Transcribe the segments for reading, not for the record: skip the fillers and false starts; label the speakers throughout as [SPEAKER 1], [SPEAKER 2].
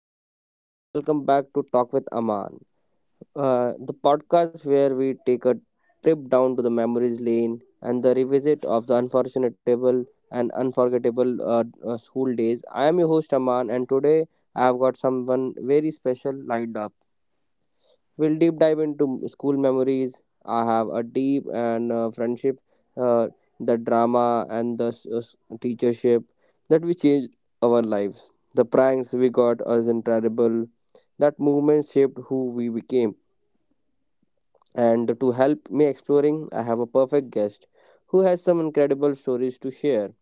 [SPEAKER 1] show. Welcome back to Talk with Aman, the podcast where we take a trip down to the memories lane and the revisit of the unforgettable and unforgettable school days. I am your host Aman, and today I have got someone very special lined up. We'll deep dive into school memories. I have a deep and friendship, uh, the drama and the teachership that we changed our lives. The pranks we got us incredible. That movement shaped who we became. And to help me exploring, I have a perfect guest who has some incredible stories to share.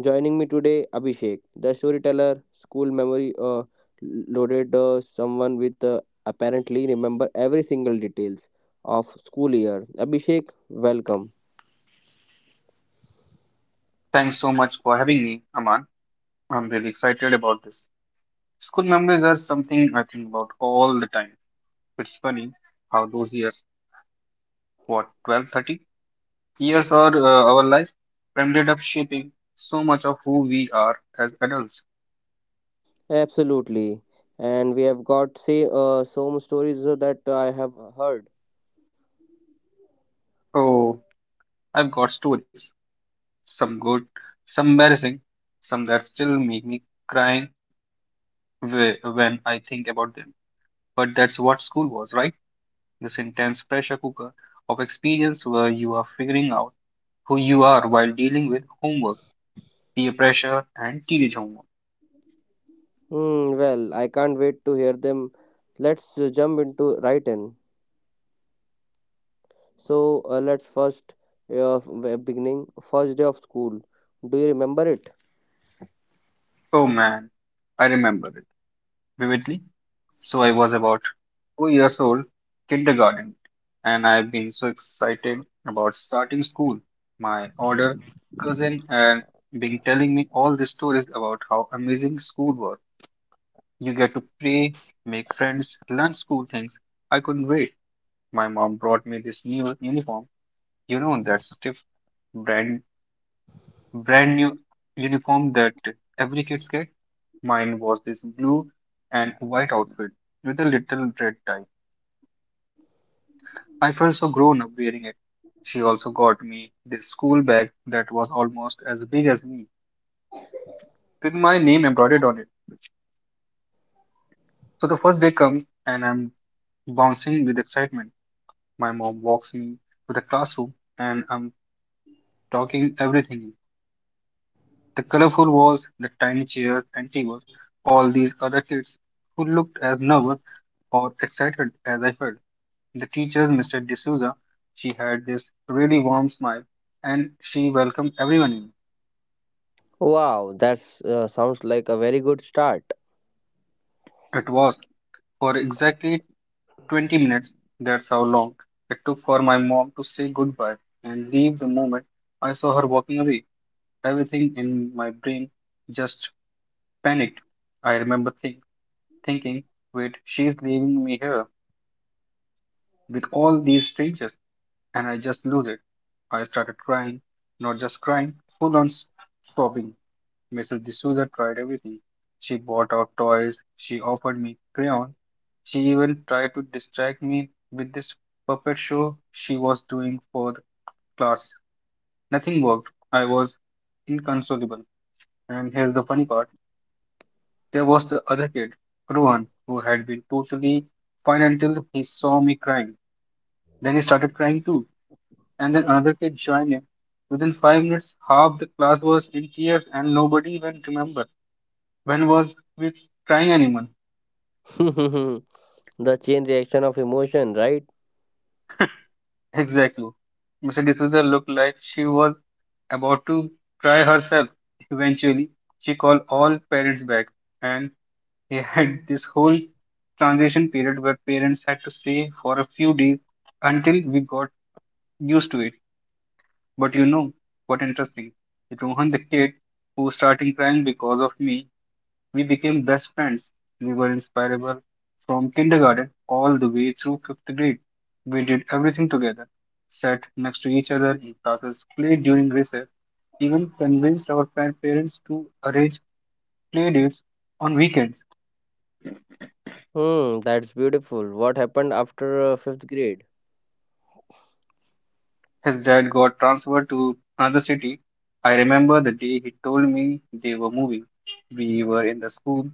[SPEAKER 1] Joining me today, Abhishek, the storyteller, school memory loaded someone with apparently remember every single details of school year. Abhishek, welcome.
[SPEAKER 2] Thanks so much for having me, Aman. I'm really excited about this. School memories are something I think about all the time. It's funny how those years, what, 12, 30 years or our life, ended up shaping so much of who we are as adults.
[SPEAKER 1] Absolutely, and we have got say some stories that I have heard.
[SPEAKER 2] Oh, I've got stories. Some good, some embarrassing, some that still make me crying when I think about them. But that's what school was, right? This intense pressure cooker of experience where you are figuring out who you are while dealing with homework, peer pressure, and teenage homework.
[SPEAKER 1] Hmm, well, I can't wait to hear them. Let's jump into right in. So let's first beginning first day of school. Do you remember it?
[SPEAKER 2] Oh man, I remember it vividly. So I was about 4 years old, kindergarten, and I've been so excited about starting school. My older cousin and been telling me all the stories about how amazing school was. You get to play, make friends, learn school things. I couldn't wait. My mom brought me this new uniform, you know, that stiff brand brand new uniform that every kids get. Mine was this blue and white outfit with a little red tie. I felt so grown up wearing it. She also got me this school bag that was almost as big as me, with my name embroidered on it. So the first day comes and I'm bouncing with excitement. My mom walks me to the classroom and I'm talking everything. The colorful walls, the tiny chairs and tables, all these other kids who looked as nervous or excited as I felt. The teacher, Mr. D'Souza, she had this really warm smile and she welcomed everyone in.
[SPEAKER 1] Wow, that sounds like a very good start.
[SPEAKER 2] It was, for exactly 20 minutes. That's how long it took for my mom to say goodbye and leave. The moment I saw her walking away, everything in my brain just panicked. I remember thinking, wait, she's leaving me here with all these strangers. And I just lose it. I started crying, not just crying, full on sobbing. Mrs. D'Souza tried everything. She bought out toys, she offered me crayons, she even tried to distract me with this puppet show she was doing for the class. Nothing worked. I was inconsolable. And here's the funny part, there was the other kid, Rohan, who had been totally fine until he saw me crying. Then he started crying too. And then another kid joined in. Within 5 minutes, half the class was in tears, and nobody even remembered when was we crying anyone.
[SPEAKER 1] the chain reaction of emotion, right?
[SPEAKER 2] Exactly. Mr. D'Souza looked like she was about to cry herself. Eventually, she called all parents back, and they had this whole transition period where parents had to stay for a few days until we got used to it. But you know what interesting? Rohan, the kid who's starting crying because of me, we became best friends. We were inseparable from kindergarten all the way through fifth grade. We did everything together, sat next to each other in classes, played during recess, even convinced our grandparents to arrange play dates on weekends.
[SPEAKER 1] Hmm, that's beautiful. What happened after fifth grade?
[SPEAKER 2] His dad got transferred to another city. I remember the day he told me they were moving. We were in the school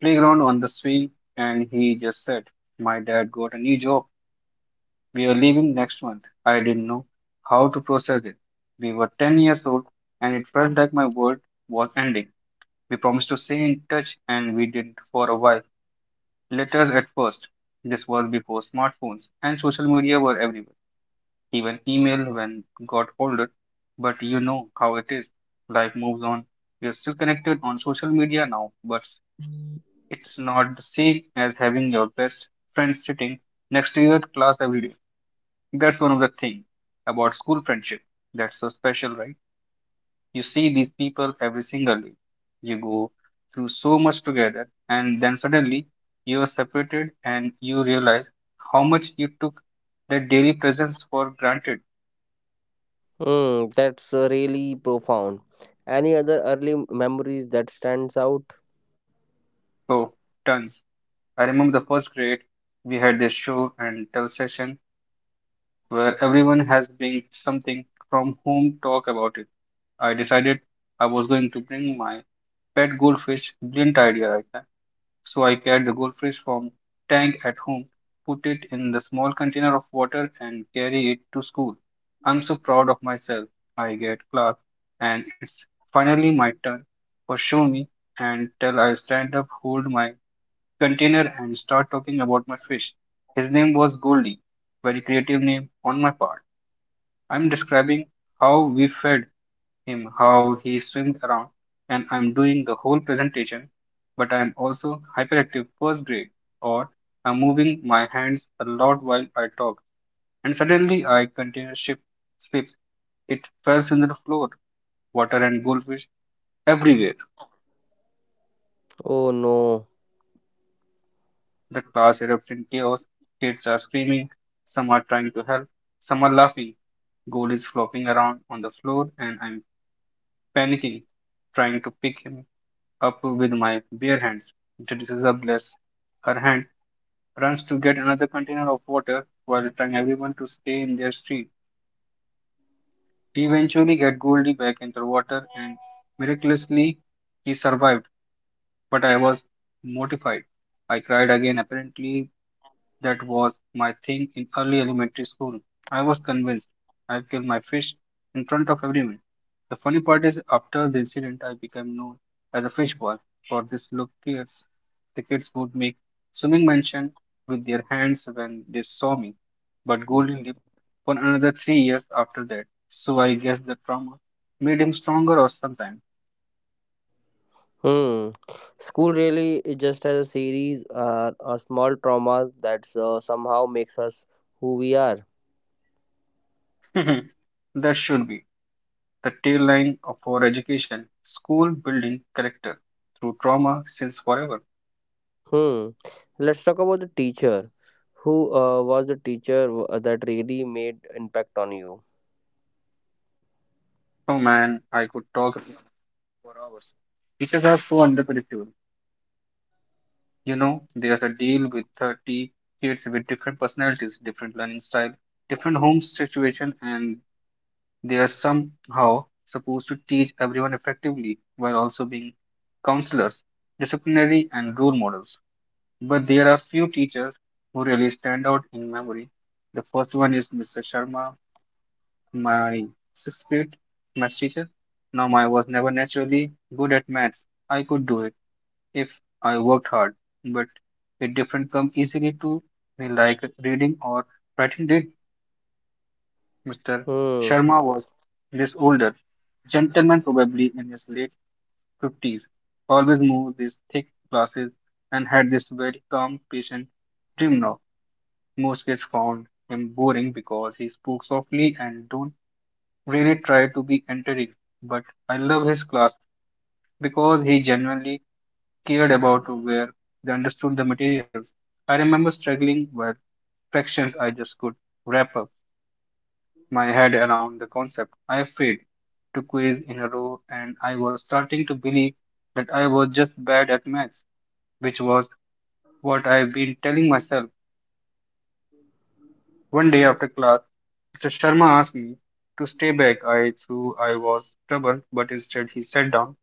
[SPEAKER 2] playground on the swing, and he just said, my dad got a new job, we are leaving next month. I didn't know how to process it. We were 10 years old and it felt like my world was ending. We promised to stay in touch and we did for a while. Letters at first. This was before smartphones and social media were everywhere. Even email when got older. But you know how it is. Life moves on. We are still connected on social media now, but it's not the same as having your best friend sitting next to you at class every day. That's one of the thing about school friendship. That's so special, right? You see these people every single day. You go through so much together, and then suddenly you are separated and you realize how much you took that daily presence for granted.
[SPEAKER 1] Hmm, that's really profound. Any other early memories that stands out?
[SPEAKER 2] Oh, tons. I remember the first grade, we had this show and tell session where everyone has bring something from home, talk about it. I decided I was going to bring my pet goldfish, brilliant idea, right? So I catch the goldfish from tank at home, put it in the small container of water and carry it to school. I'm so proud of myself. I get class and it's finally my turn. For show me and tell, I stand up, hold my container and start talking about my fish. His name was Goldie. Very creative name on my part. I'm describing how we fed him, how he swims around, and I'm doing the whole presentation, but I'm also hyperactive first grade or I'm moving my hands a lot while I talk, and suddenly I container ship slips. It falls on the floor, water and goldfish everywhere.
[SPEAKER 1] Oh no.
[SPEAKER 2] The class erupts in chaos. Kids are screaming, some are trying to help, some are laughing. Gold is flopping around on the floor and I'm panicking, trying to pick him up with my bare hands. Introduces a bless. Her hand runs to get another container of water while telling everyone to stay in their street. We eventually get Goldie back into the water and miraculously he survived, but I was mortified. I cried again. Apparently, that was my thing in early elementary school. I was convinced I killed my fish in front of everyone. The funny part is, after the incident, I became known as a fish boy for this look kids. The kids would make swimming motion with their hands when they saw me, but Golden lived for another 3 years after that. So I guess the trauma made him stronger or something.
[SPEAKER 1] Hmm. School really is just as a series or small traumas that somehow makes us who we are.
[SPEAKER 2] That should be the tail line of our education, school building character through trauma since forever.
[SPEAKER 1] Hmm. Let's talk about the teacher. Who was the teacher that really made impact on you?
[SPEAKER 2] Oh man, I could talk about it for hours. Teachers are so unpredictable. You know, there's a deal with 30 kids with different personalities, different learning style, different home situation, and they are somehow supposed to teach everyone effectively while also being counselors, disciplinary, and role models. But there are few teachers who really stand out in memory. The first one is Mr. Sharma, my 6th grade maths teacher. Now, I was never naturally good at maths. I could do it if I worked hard, but it didn't come easily to me like reading or writing did. Mr.
[SPEAKER 1] Hmm.
[SPEAKER 2] Sharma was this older gentleman, probably in his late 50s, always wore these thick glasses and had this very calm, patient demeanor. Most kids found him boring because he spoke softly and don't really try to be entertaining. But I loved his class because he genuinely cared about where they understood the materials. I remember struggling with fractions, I just could wrap up my head around the concept. I failed 2 quiz in a row and I was starting to believe that I was just bad at maths, which was what I've been telling myself. One day after class, So Sharma asked me to stay back. I threw I was stubborn, but instead he sat down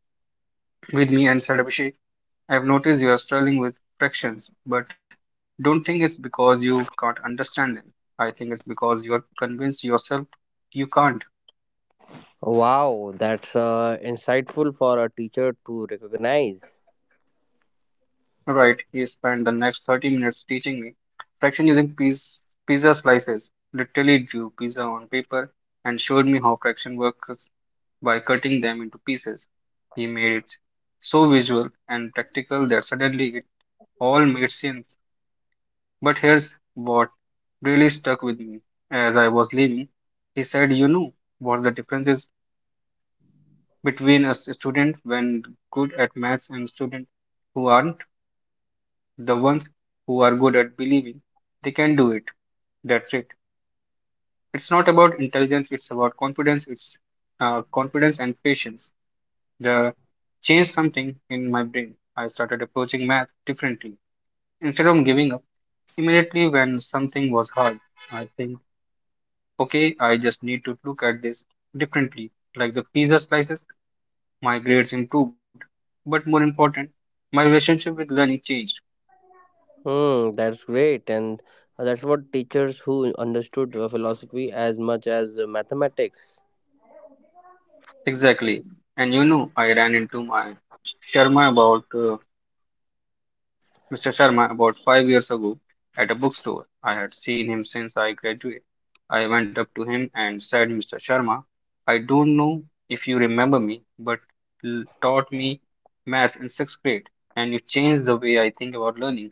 [SPEAKER 2] with me and said, Abhishek, I've noticed you are struggling with fractions, but don't think it's because you can't understand them. I think it's because you are convinced yourself you can't.
[SPEAKER 1] Wow, that's insightful for a teacher to recognize.
[SPEAKER 2] Right, he spent the next 30 minutes teaching me fraction using piece, pizza slices, literally drew pizza on paper and showed me how fraction works by cutting them into pieces. He made it so visual and practical that suddenly it all made sense. But here's what really stuck with me as I was leaving. He said, you know what the difference is between a student when good at maths and student who aren't? The ones who are good at believing they can do it. That's it. It's not about intelligence, it's about confidence, it's confidence and patience. The changed something in my brain. I started approaching math differently. Instead of giving up immediately when something was hard, I think, okay, I just need to look at this differently. Like the pizza slices, my grades improved. But more important, my relationship with learning changed.
[SPEAKER 1] Hmm. That's great, and that's what teachers who understood philosophy as much as mathematics.
[SPEAKER 2] Exactly. And you know, I ran into my Sharma about Mr. Sharma, about 5 years ago, at a bookstore, I had seen him since I graduated. I went up to him and said, Mr. Sharma, I don't know if you remember me, but you taught me math in 6th grade, and you changed the way I think about learning.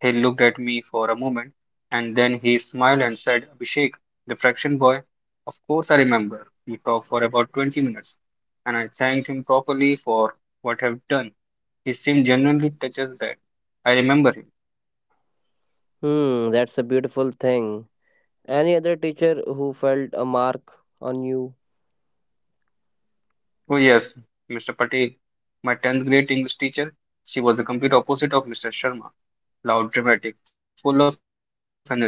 [SPEAKER 2] He looked at me for a moment, and then he smiled and said, Abhishek, the fraction boy, of course I remember. We talked for about 20 minutes, and I thanked him properly for what I've done. He seemed genuinely touched that I remember him.
[SPEAKER 1] Hmm. That's a beautiful thing. Any other teacher who felt a mark on you?
[SPEAKER 2] Oh, yes, Mr. Patel, my 10th grade English teacher, she was the complete opposite of Mr. Sharma, loud, dramatic, full of energy.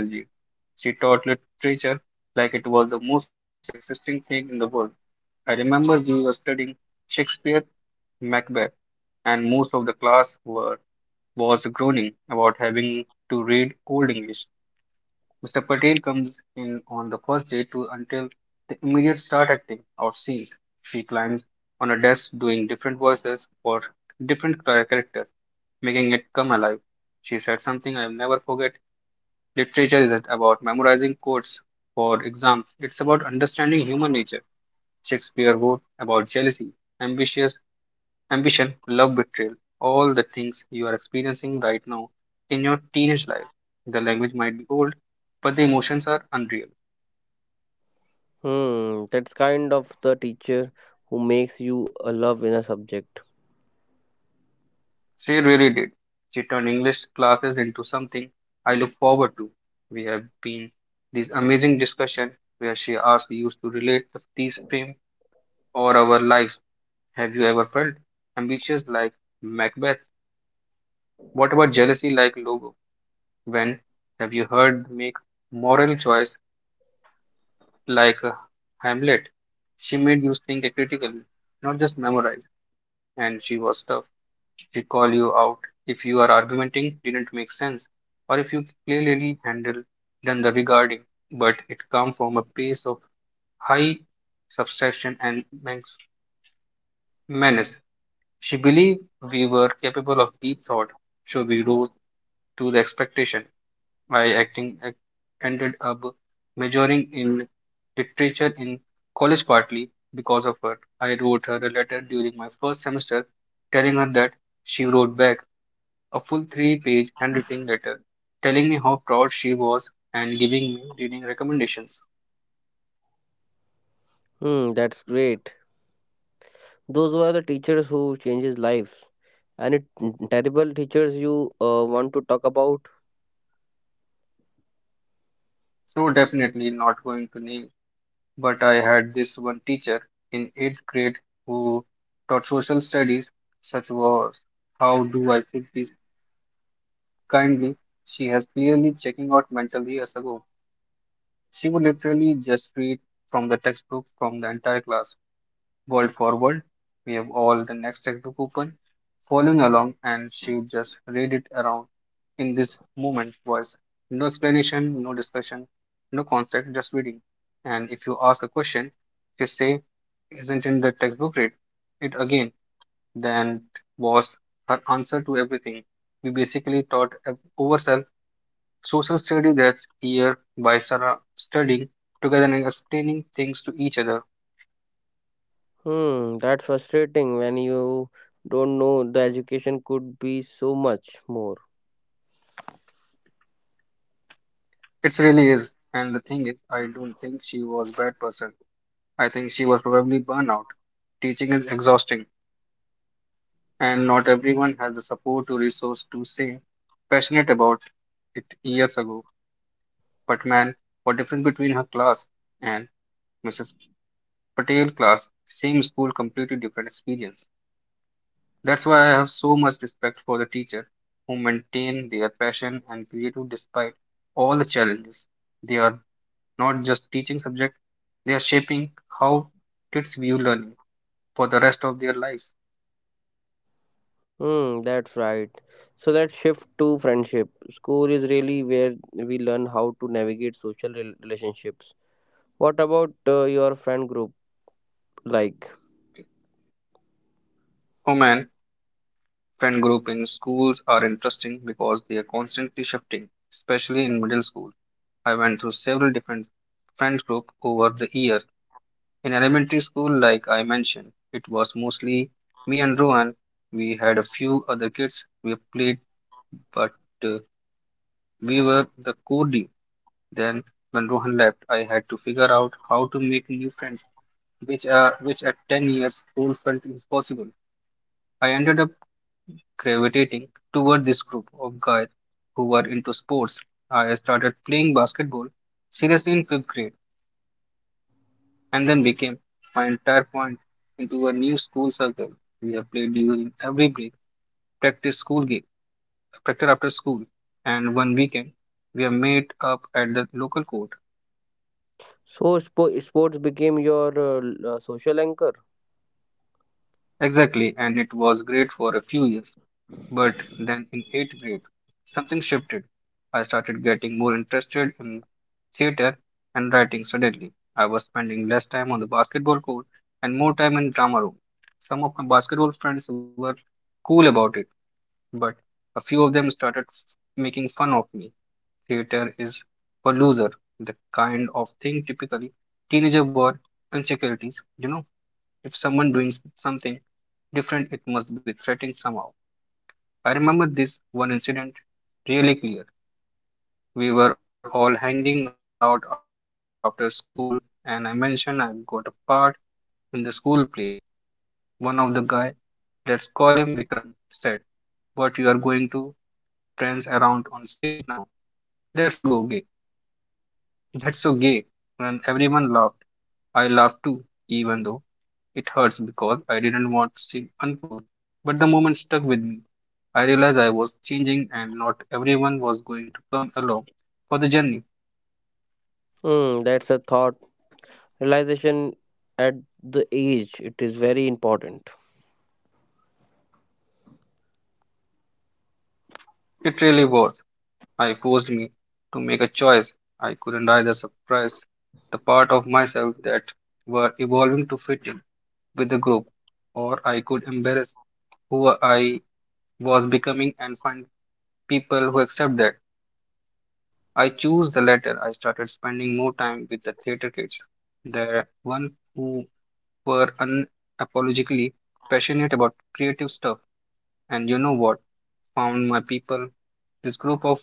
[SPEAKER 2] She taught literature like it was the most existing thing in the world. I remember we were studying Shakespeare, Macbeth, and most of the class were was groaning about having to read Old English. Mr. Patel comes in on the first day to until the immediate start acting out scenes. She climbs on a desk doing different voices for different characters, making it come alive. She said something I'll never forget. Literature isn't about memorizing quotes for exams. It's about understanding human nature. Shakespeare wrote about jealousy, ambition, ambition, love betrayal, all the things you are experiencing right now in your teenage life. The language might be old, but the emotions are unreal.
[SPEAKER 1] Hmm. That's kind of the teacher who makes you love in a subject.
[SPEAKER 2] She really did. She turned English classes into something I look forward to. We have been these amazing discussion where she asks you to relate to these frame or our lives. Have you ever felt ambitious like Macbeth? What about jealousy like Logo? When have you heard make moral choice like Hamlet, she made you think critically, not just memorize. And she was tough. She call you out if you are argumenting didn't make sense, or if you clearly handle than the regarding. But it come from a place of high subtraction and menace. She believed we were capable of deep thought, so we rose to the expectation. My acting ac- Ended up majoring in literature in college partly because of her. I wrote her a letter during my first semester telling her that she wrote back a full three-page handwritten letter telling me how proud she was and giving me reading recommendations.
[SPEAKER 1] Hmm, that's great. Those were the teachers who changes lives. And it terrible teachers you want to talk about?
[SPEAKER 2] So, definitely not going to name, but I had this one teacher in eighth grade who taught social studies. Such was, how do I put this, kindly, she has clearly checking out mentally as ago. She would literally just read from the textbook from the entire class. World forward, we have all the next textbook open, following along, and she would just read it around in this moment was no explanation, no discussion, no concept, just reading. And if you ask a question, she say, isn't in the textbook read it again. Then was her answer to everything. We basically taught ourselves Social study that's here by Sarah studying together and explaining things to each other.
[SPEAKER 1] Hmm, that's frustrating when you don't know the education could be so much more.
[SPEAKER 2] It really is. And the thing is, I don't think she was a bad person. I think she was probably burnout. Teaching is exhausting, and not everyone has the support or resource to say passionate about it years ago. But man, what difference between her class and Mrs. Patel class, same school, completely different experience. That's why I have so much respect for the teacher who maintain their passion and creative despite all the challenges. They are not just teaching subject, they are shaping how kids view learning for the rest of their lives.
[SPEAKER 1] Hmm, that's right. So let's shift to friendship. School is really where we learn how to navigate social relationships. What about your friend group like?
[SPEAKER 2] Oh man, friend group in schools are interesting because they are constantly shifting, especially in middle school. I went through several different friends group over the years. In elementary school, like I mentioned, it was mostly me and Rohan. We had a few other kids we played, but uh, we were the core team. Then, when Rohan left, I had to figure out how to make new friends, which at 10 years old felt impossible. I ended up gravitating toward this group of guys who were into sports. I started playing basketball seriously in fifth grade and then became my entire point into a new school circle. We have played during every break, practice school game, practice after school, and one weekend we have met up at the local court.
[SPEAKER 1] So sports became your social anchor.
[SPEAKER 2] Exactly, and it was great for a few years. But then in eighth grade, something shifted. I started getting more interested in theater and writing suddenly. I was spending less time on the basketball court and more time in drama room. Some of my basketball friends were cool about it. But a few of them making fun of me. Theater is for loser, the kind of thing typically teenager war insecurities. You know, if someone doing something different, it must be threatening somehow. I remember this one incident really clear. We were all hanging out after school, and I mentioned I got a part in the school play. One of the guy, let's call him Vikram, said, "But you are going to dance around on stage now. Let's go, that's so gay." And everyone laughed. I laughed too, even though it hurts because I didn't want to seem uncool. But the moment stuck with me. I realized I was changing and not everyone was going to come along for the journey.
[SPEAKER 1] Hmm, that's a thought. Realization at the age, it is very important.
[SPEAKER 2] It really was. I forced me to make a choice. I couldn't either suppress the part of myself that were evolving to fit in with the group, or I could embrace who I was becoming and find people who accept that. I choose the latter. I started spending more time with the theater kids, the one who were unapologetically passionate about creative stuff. And you know what? Found my people. This group of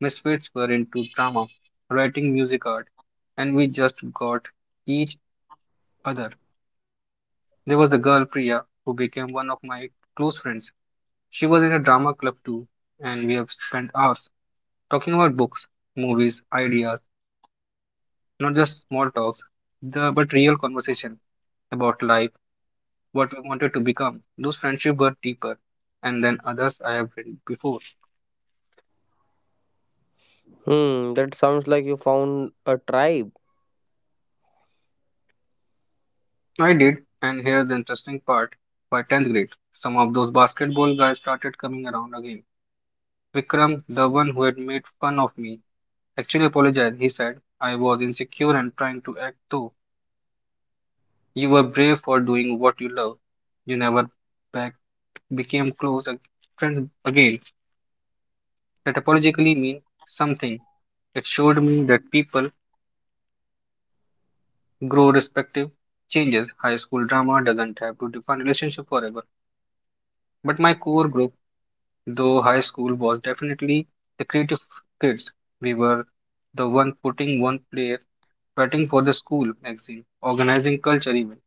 [SPEAKER 2] misfits were into drama, writing, music, art, and we just got each other. There was a girl, Priya, who became one of my close friends. She was in a drama club too, and we have spent hours talking about books, movies, ideas, not just small talks, the, but real conversation about life, what we wanted to become. Those friendships were deeper, and then others I have read before.
[SPEAKER 1] Hmm, that sounds like you found a tribe.
[SPEAKER 2] I did, and here's the interesting part. By 10th grade, some of those basketball guys started coming around again. Vikram, the one who had made fun of me, actually apologized. He said, I was insecure and trying to act too. You were brave for doing what you love. You never backed. Became close friends again. That apologically means something. It showed me that people grow respective changes. High school drama doesn't have to define relationship forever. But my core group, though high school, was definitely the creative kids. We were the one putting one player fighting for the school magazine, organizing culture event.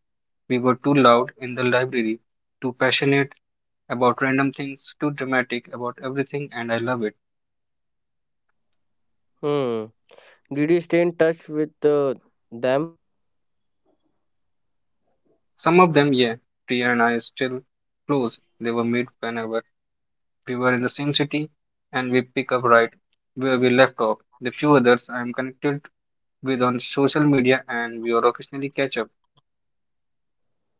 [SPEAKER 2] We were too loud in the library, too passionate about random things, too dramatic about everything, and I love it.
[SPEAKER 1] Hmm. Did you stay in touch with them?
[SPEAKER 2] Some of them, yeah. Priya and I still close. They were meet whenever we were in the same city, and we pick up right where we left off. The few others I am connected with on social media, and we are occasionally catch up.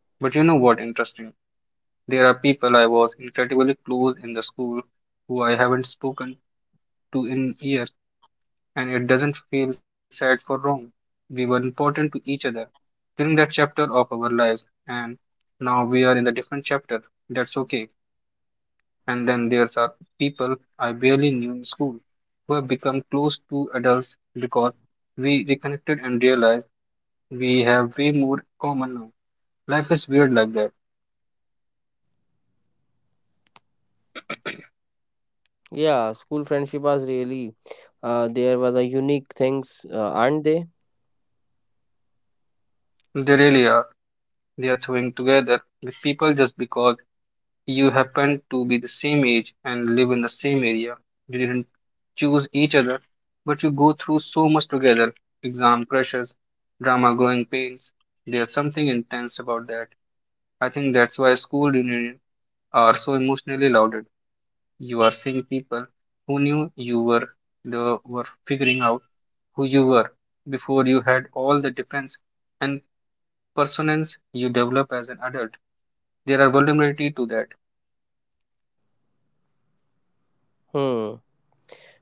[SPEAKER 2] But you know what? Interesting. There are people I was incredibly close in the school who I haven't spoken to in years, and it doesn't feel sad for wrong. We were important to each other during that chapter of our lives, and now we are in the different chapter. That's okay. And then there's are people I barely knew in school who have become close to adults because we reconnected and realized we have way more common now. Life is weird like that.
[SPEAKER 1] Yeah, school friendship was really there was a unique things, aren't they?
[SPEAKER 2] They really are. They are throwing together with people just because you happen to be the same age and live in the same area. You didn't choose each other, but you go through so much together exam crushes, drama growing pains. There's something intense about that. I think that's why school reunions are so emotionally loaded. You are seeing people who knew you were the were figuring out who you were before you had all the defense and personance you develop as an adult. There are vulnerability to that.
[SPEAKER 1] Hmm.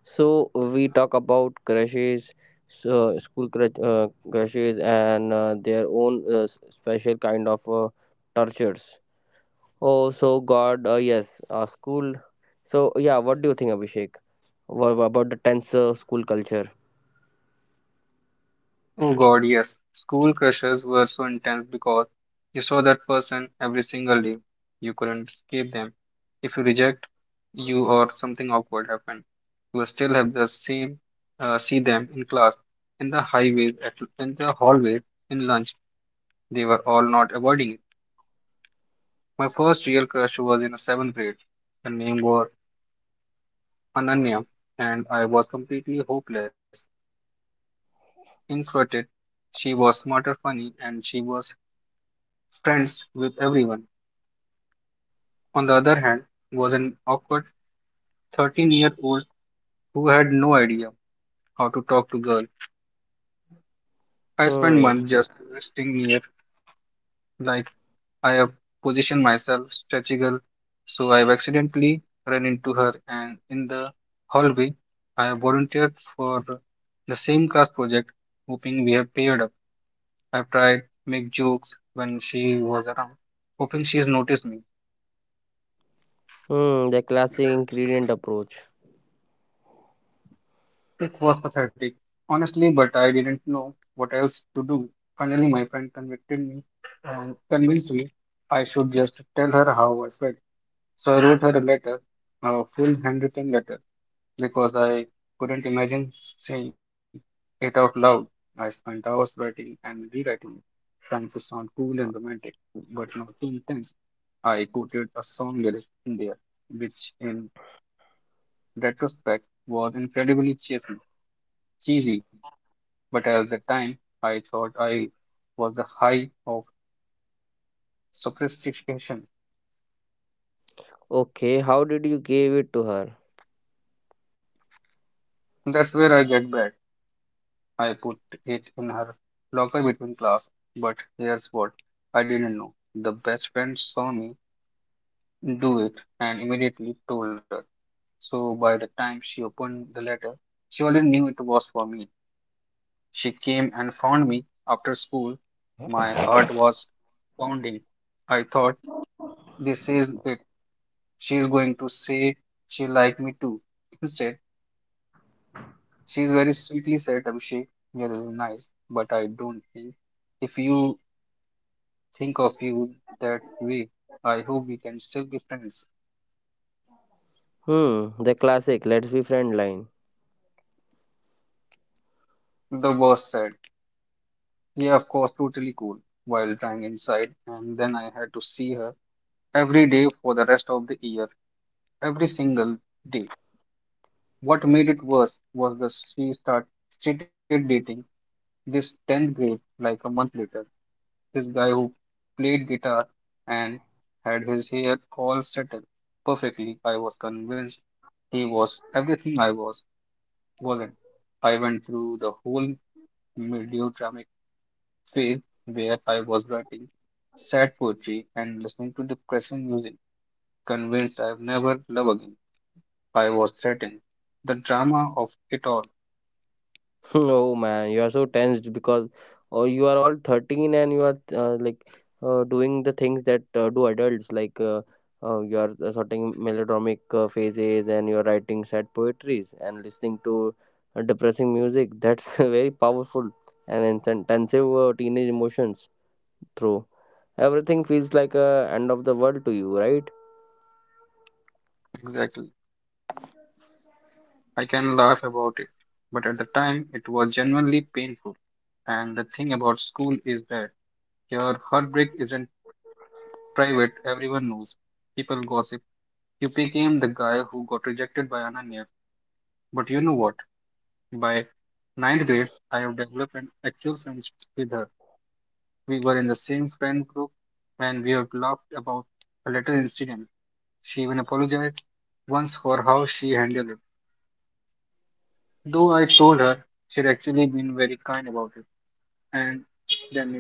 [SPEAKER 1] So we talk about crushes, so school crush, crushes, and their own special kind of tortures. Oh, so God, yes, school. So yeah, what do you think, Abhishek? What about the tense school culture?
[SPEAKER 2] Oh God, yes. School crushes were so intense because you saw that person every single day. You couldn't escape them. If you reject you or something awkward happened, you will still have the same see them in class, in the highways, at, in the hallways, in lunch. They were all not avoiding it. My first real crush was in seventh grade. Her name was Ananya, and I was completely hopeless, introverted. She was smarter, funny, and she was friends with everyone. On the other hand, was an awkward 13-year-old who had no idea how to talk to girls. I spent
[SPEAKER 1] Hmm.
[SPEAKER 2] months just resting near, like I have positioned myself strategical, so I've accidentally run into her, and in the hallway, I have volunteered for the same class project, hoping we have paired up. I've tried make jokes when she was around, hoping she's noticed me.
[SPEAKER 1] Hmm. The classic ingredient approach.
[SPEAKER 2] It was pathetic, honestly, but I didn't know what else to do. Finally, my friend convinced me I should just tell her how I felt. So I wrote her a letter, a full handwritten letter, because I couldn't imagine saying it out loud. I spent hours writing and rewriting it, trying to sound cool and romantic, but not too intense. I quoted a song lyric in there, which in retrospect was incredibly cheesy, but at the time I thought I was the high of sophistication.
[SPEAKER 1] Okay, how did you give it to her?
[SPEAKER 2] That's where I get back. I put it in her locker between class. But here's what I didn't know. The best friend saw me do it and immediately told her. So by the time she opened the letter, she already knew it was for me. She came and found me after school. My heart was pounding. I thought, this is it. She's going to say she liked me too. Instead, she's very sweetly said, "Abhishek, you're really nice, but I don't think if you think of you that way, I hope we can still be friends."
[SPEAKER 1] Hmm, the classic let's be friend line.
[SPEAKER 2] The boss said, yeah, of course, totally cool, while trying inside, and then I had to see her every day for the rest of the year, every single day. What made it worse was that started dating this 10th grade like a month later. This guy who played guitar and had his hair all settled perfectly. I was convinced he was everything I wasn't. I went through the whole melodramatic phase where I was writing sad poetry and listening to depressing music, convinced I would never love again. I was threatened. The drama of it all,
[SPEAKER 1] oh man, you are so tensed because oh, you are all 13 and you are like doing the things that do adults like you are sorting melodramic phases and you are writing sad poetries and listening to depressing music. That's very powerful and intensive teenage emotions. True. Everything feels like a end of the world to you, right?
[SPEAKER 2] exactly. I can laugh about it, but at the time it was genuinely painful. And the thing about school is that your heartbreak isn't private, everyone knows. People gossip. You became the guy who got rejected by Ananya. But you know what? By ninth grade, I have developed an actual friendship with her. We were in the same friend group and we have laughed about a little incident. She even apologized once for how she handled it. Though I told her she'd actually been very kind about it. And then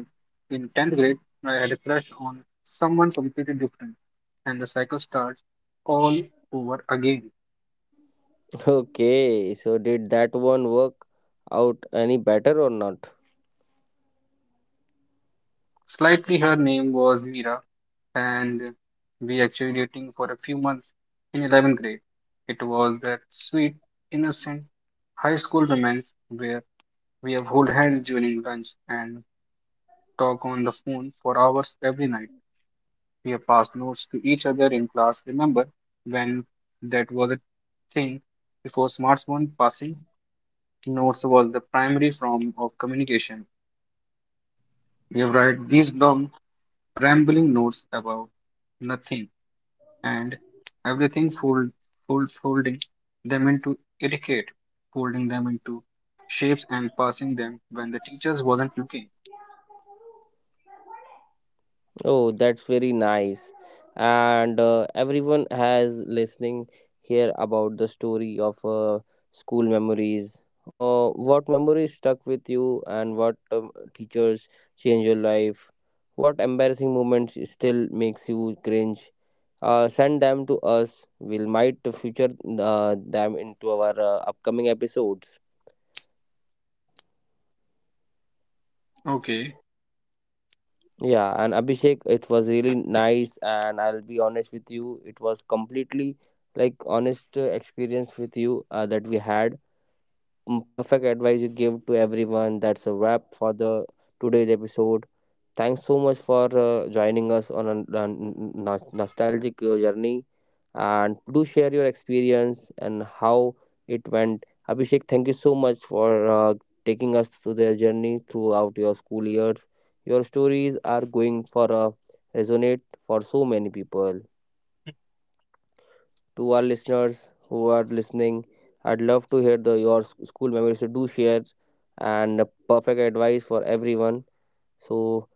[SPEAKER 2] in 10th grade, I had a crush on someone completely different. And the cycle starts all over again.
[SPEAKER 1] Okay, so did that one work out any better or not?
[SPEAKER 2] Slightly, her name was Mira, and we actually dating for a few months in 11th grade. It was that sweet, innocent high school romance where we have hold hands during lunch and talk on the phone for hours every night. We have passed notes to each other in class. Remember when that was a thing? Before smartphone passing, notes was the primary form of communication. We have write these long, rambling notes about nothing and everything, folding them into etiquette, folding them into shapes, and passing them when the teachers wasn't looking.
[SPEAKER 1] Oh, that's very nice. And everyone has listening here about the story of school memories. What memories stuck with you, and what teachers changed your life? What embarrassing moments still makes you cringe? Send them to us. We'll might future them into our upcoming episodes.
[SPEAKER 2] Okay,
[SPEAKER 1] Yeah, and Abhishek, it was really nice, and I'll be honest with you, it was completely like honest experience with you that we had. Mm, perfect advice you give to everyone. That's a wrap for the today's episode. Thanks so much for joining us on a, nostalgic journey, and do share your experience and how it went. Abhishek, thank you so much for taking us through their journey throughout your school years. Your stories are going for a resonate for so many people to our listeners who are listening. I'd love to hear the your school memories. So do share and a perfect advice for everyone. So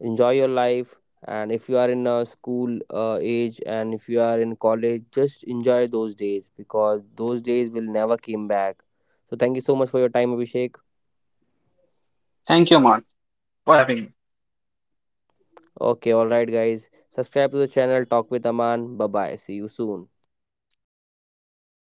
[SPEAKER 1] enjoy your life, and if you are in a school age and if you are in college, just enjoy those days because those days will never come back. So thank you so much for your time, Abhishek.
[SPEAKER 2] thank you, Aman, for having me.
[SPEAKER 1] Okay, all right, guys. Subscribe to the channel. Talk with Aman. Bye bye. See you soon.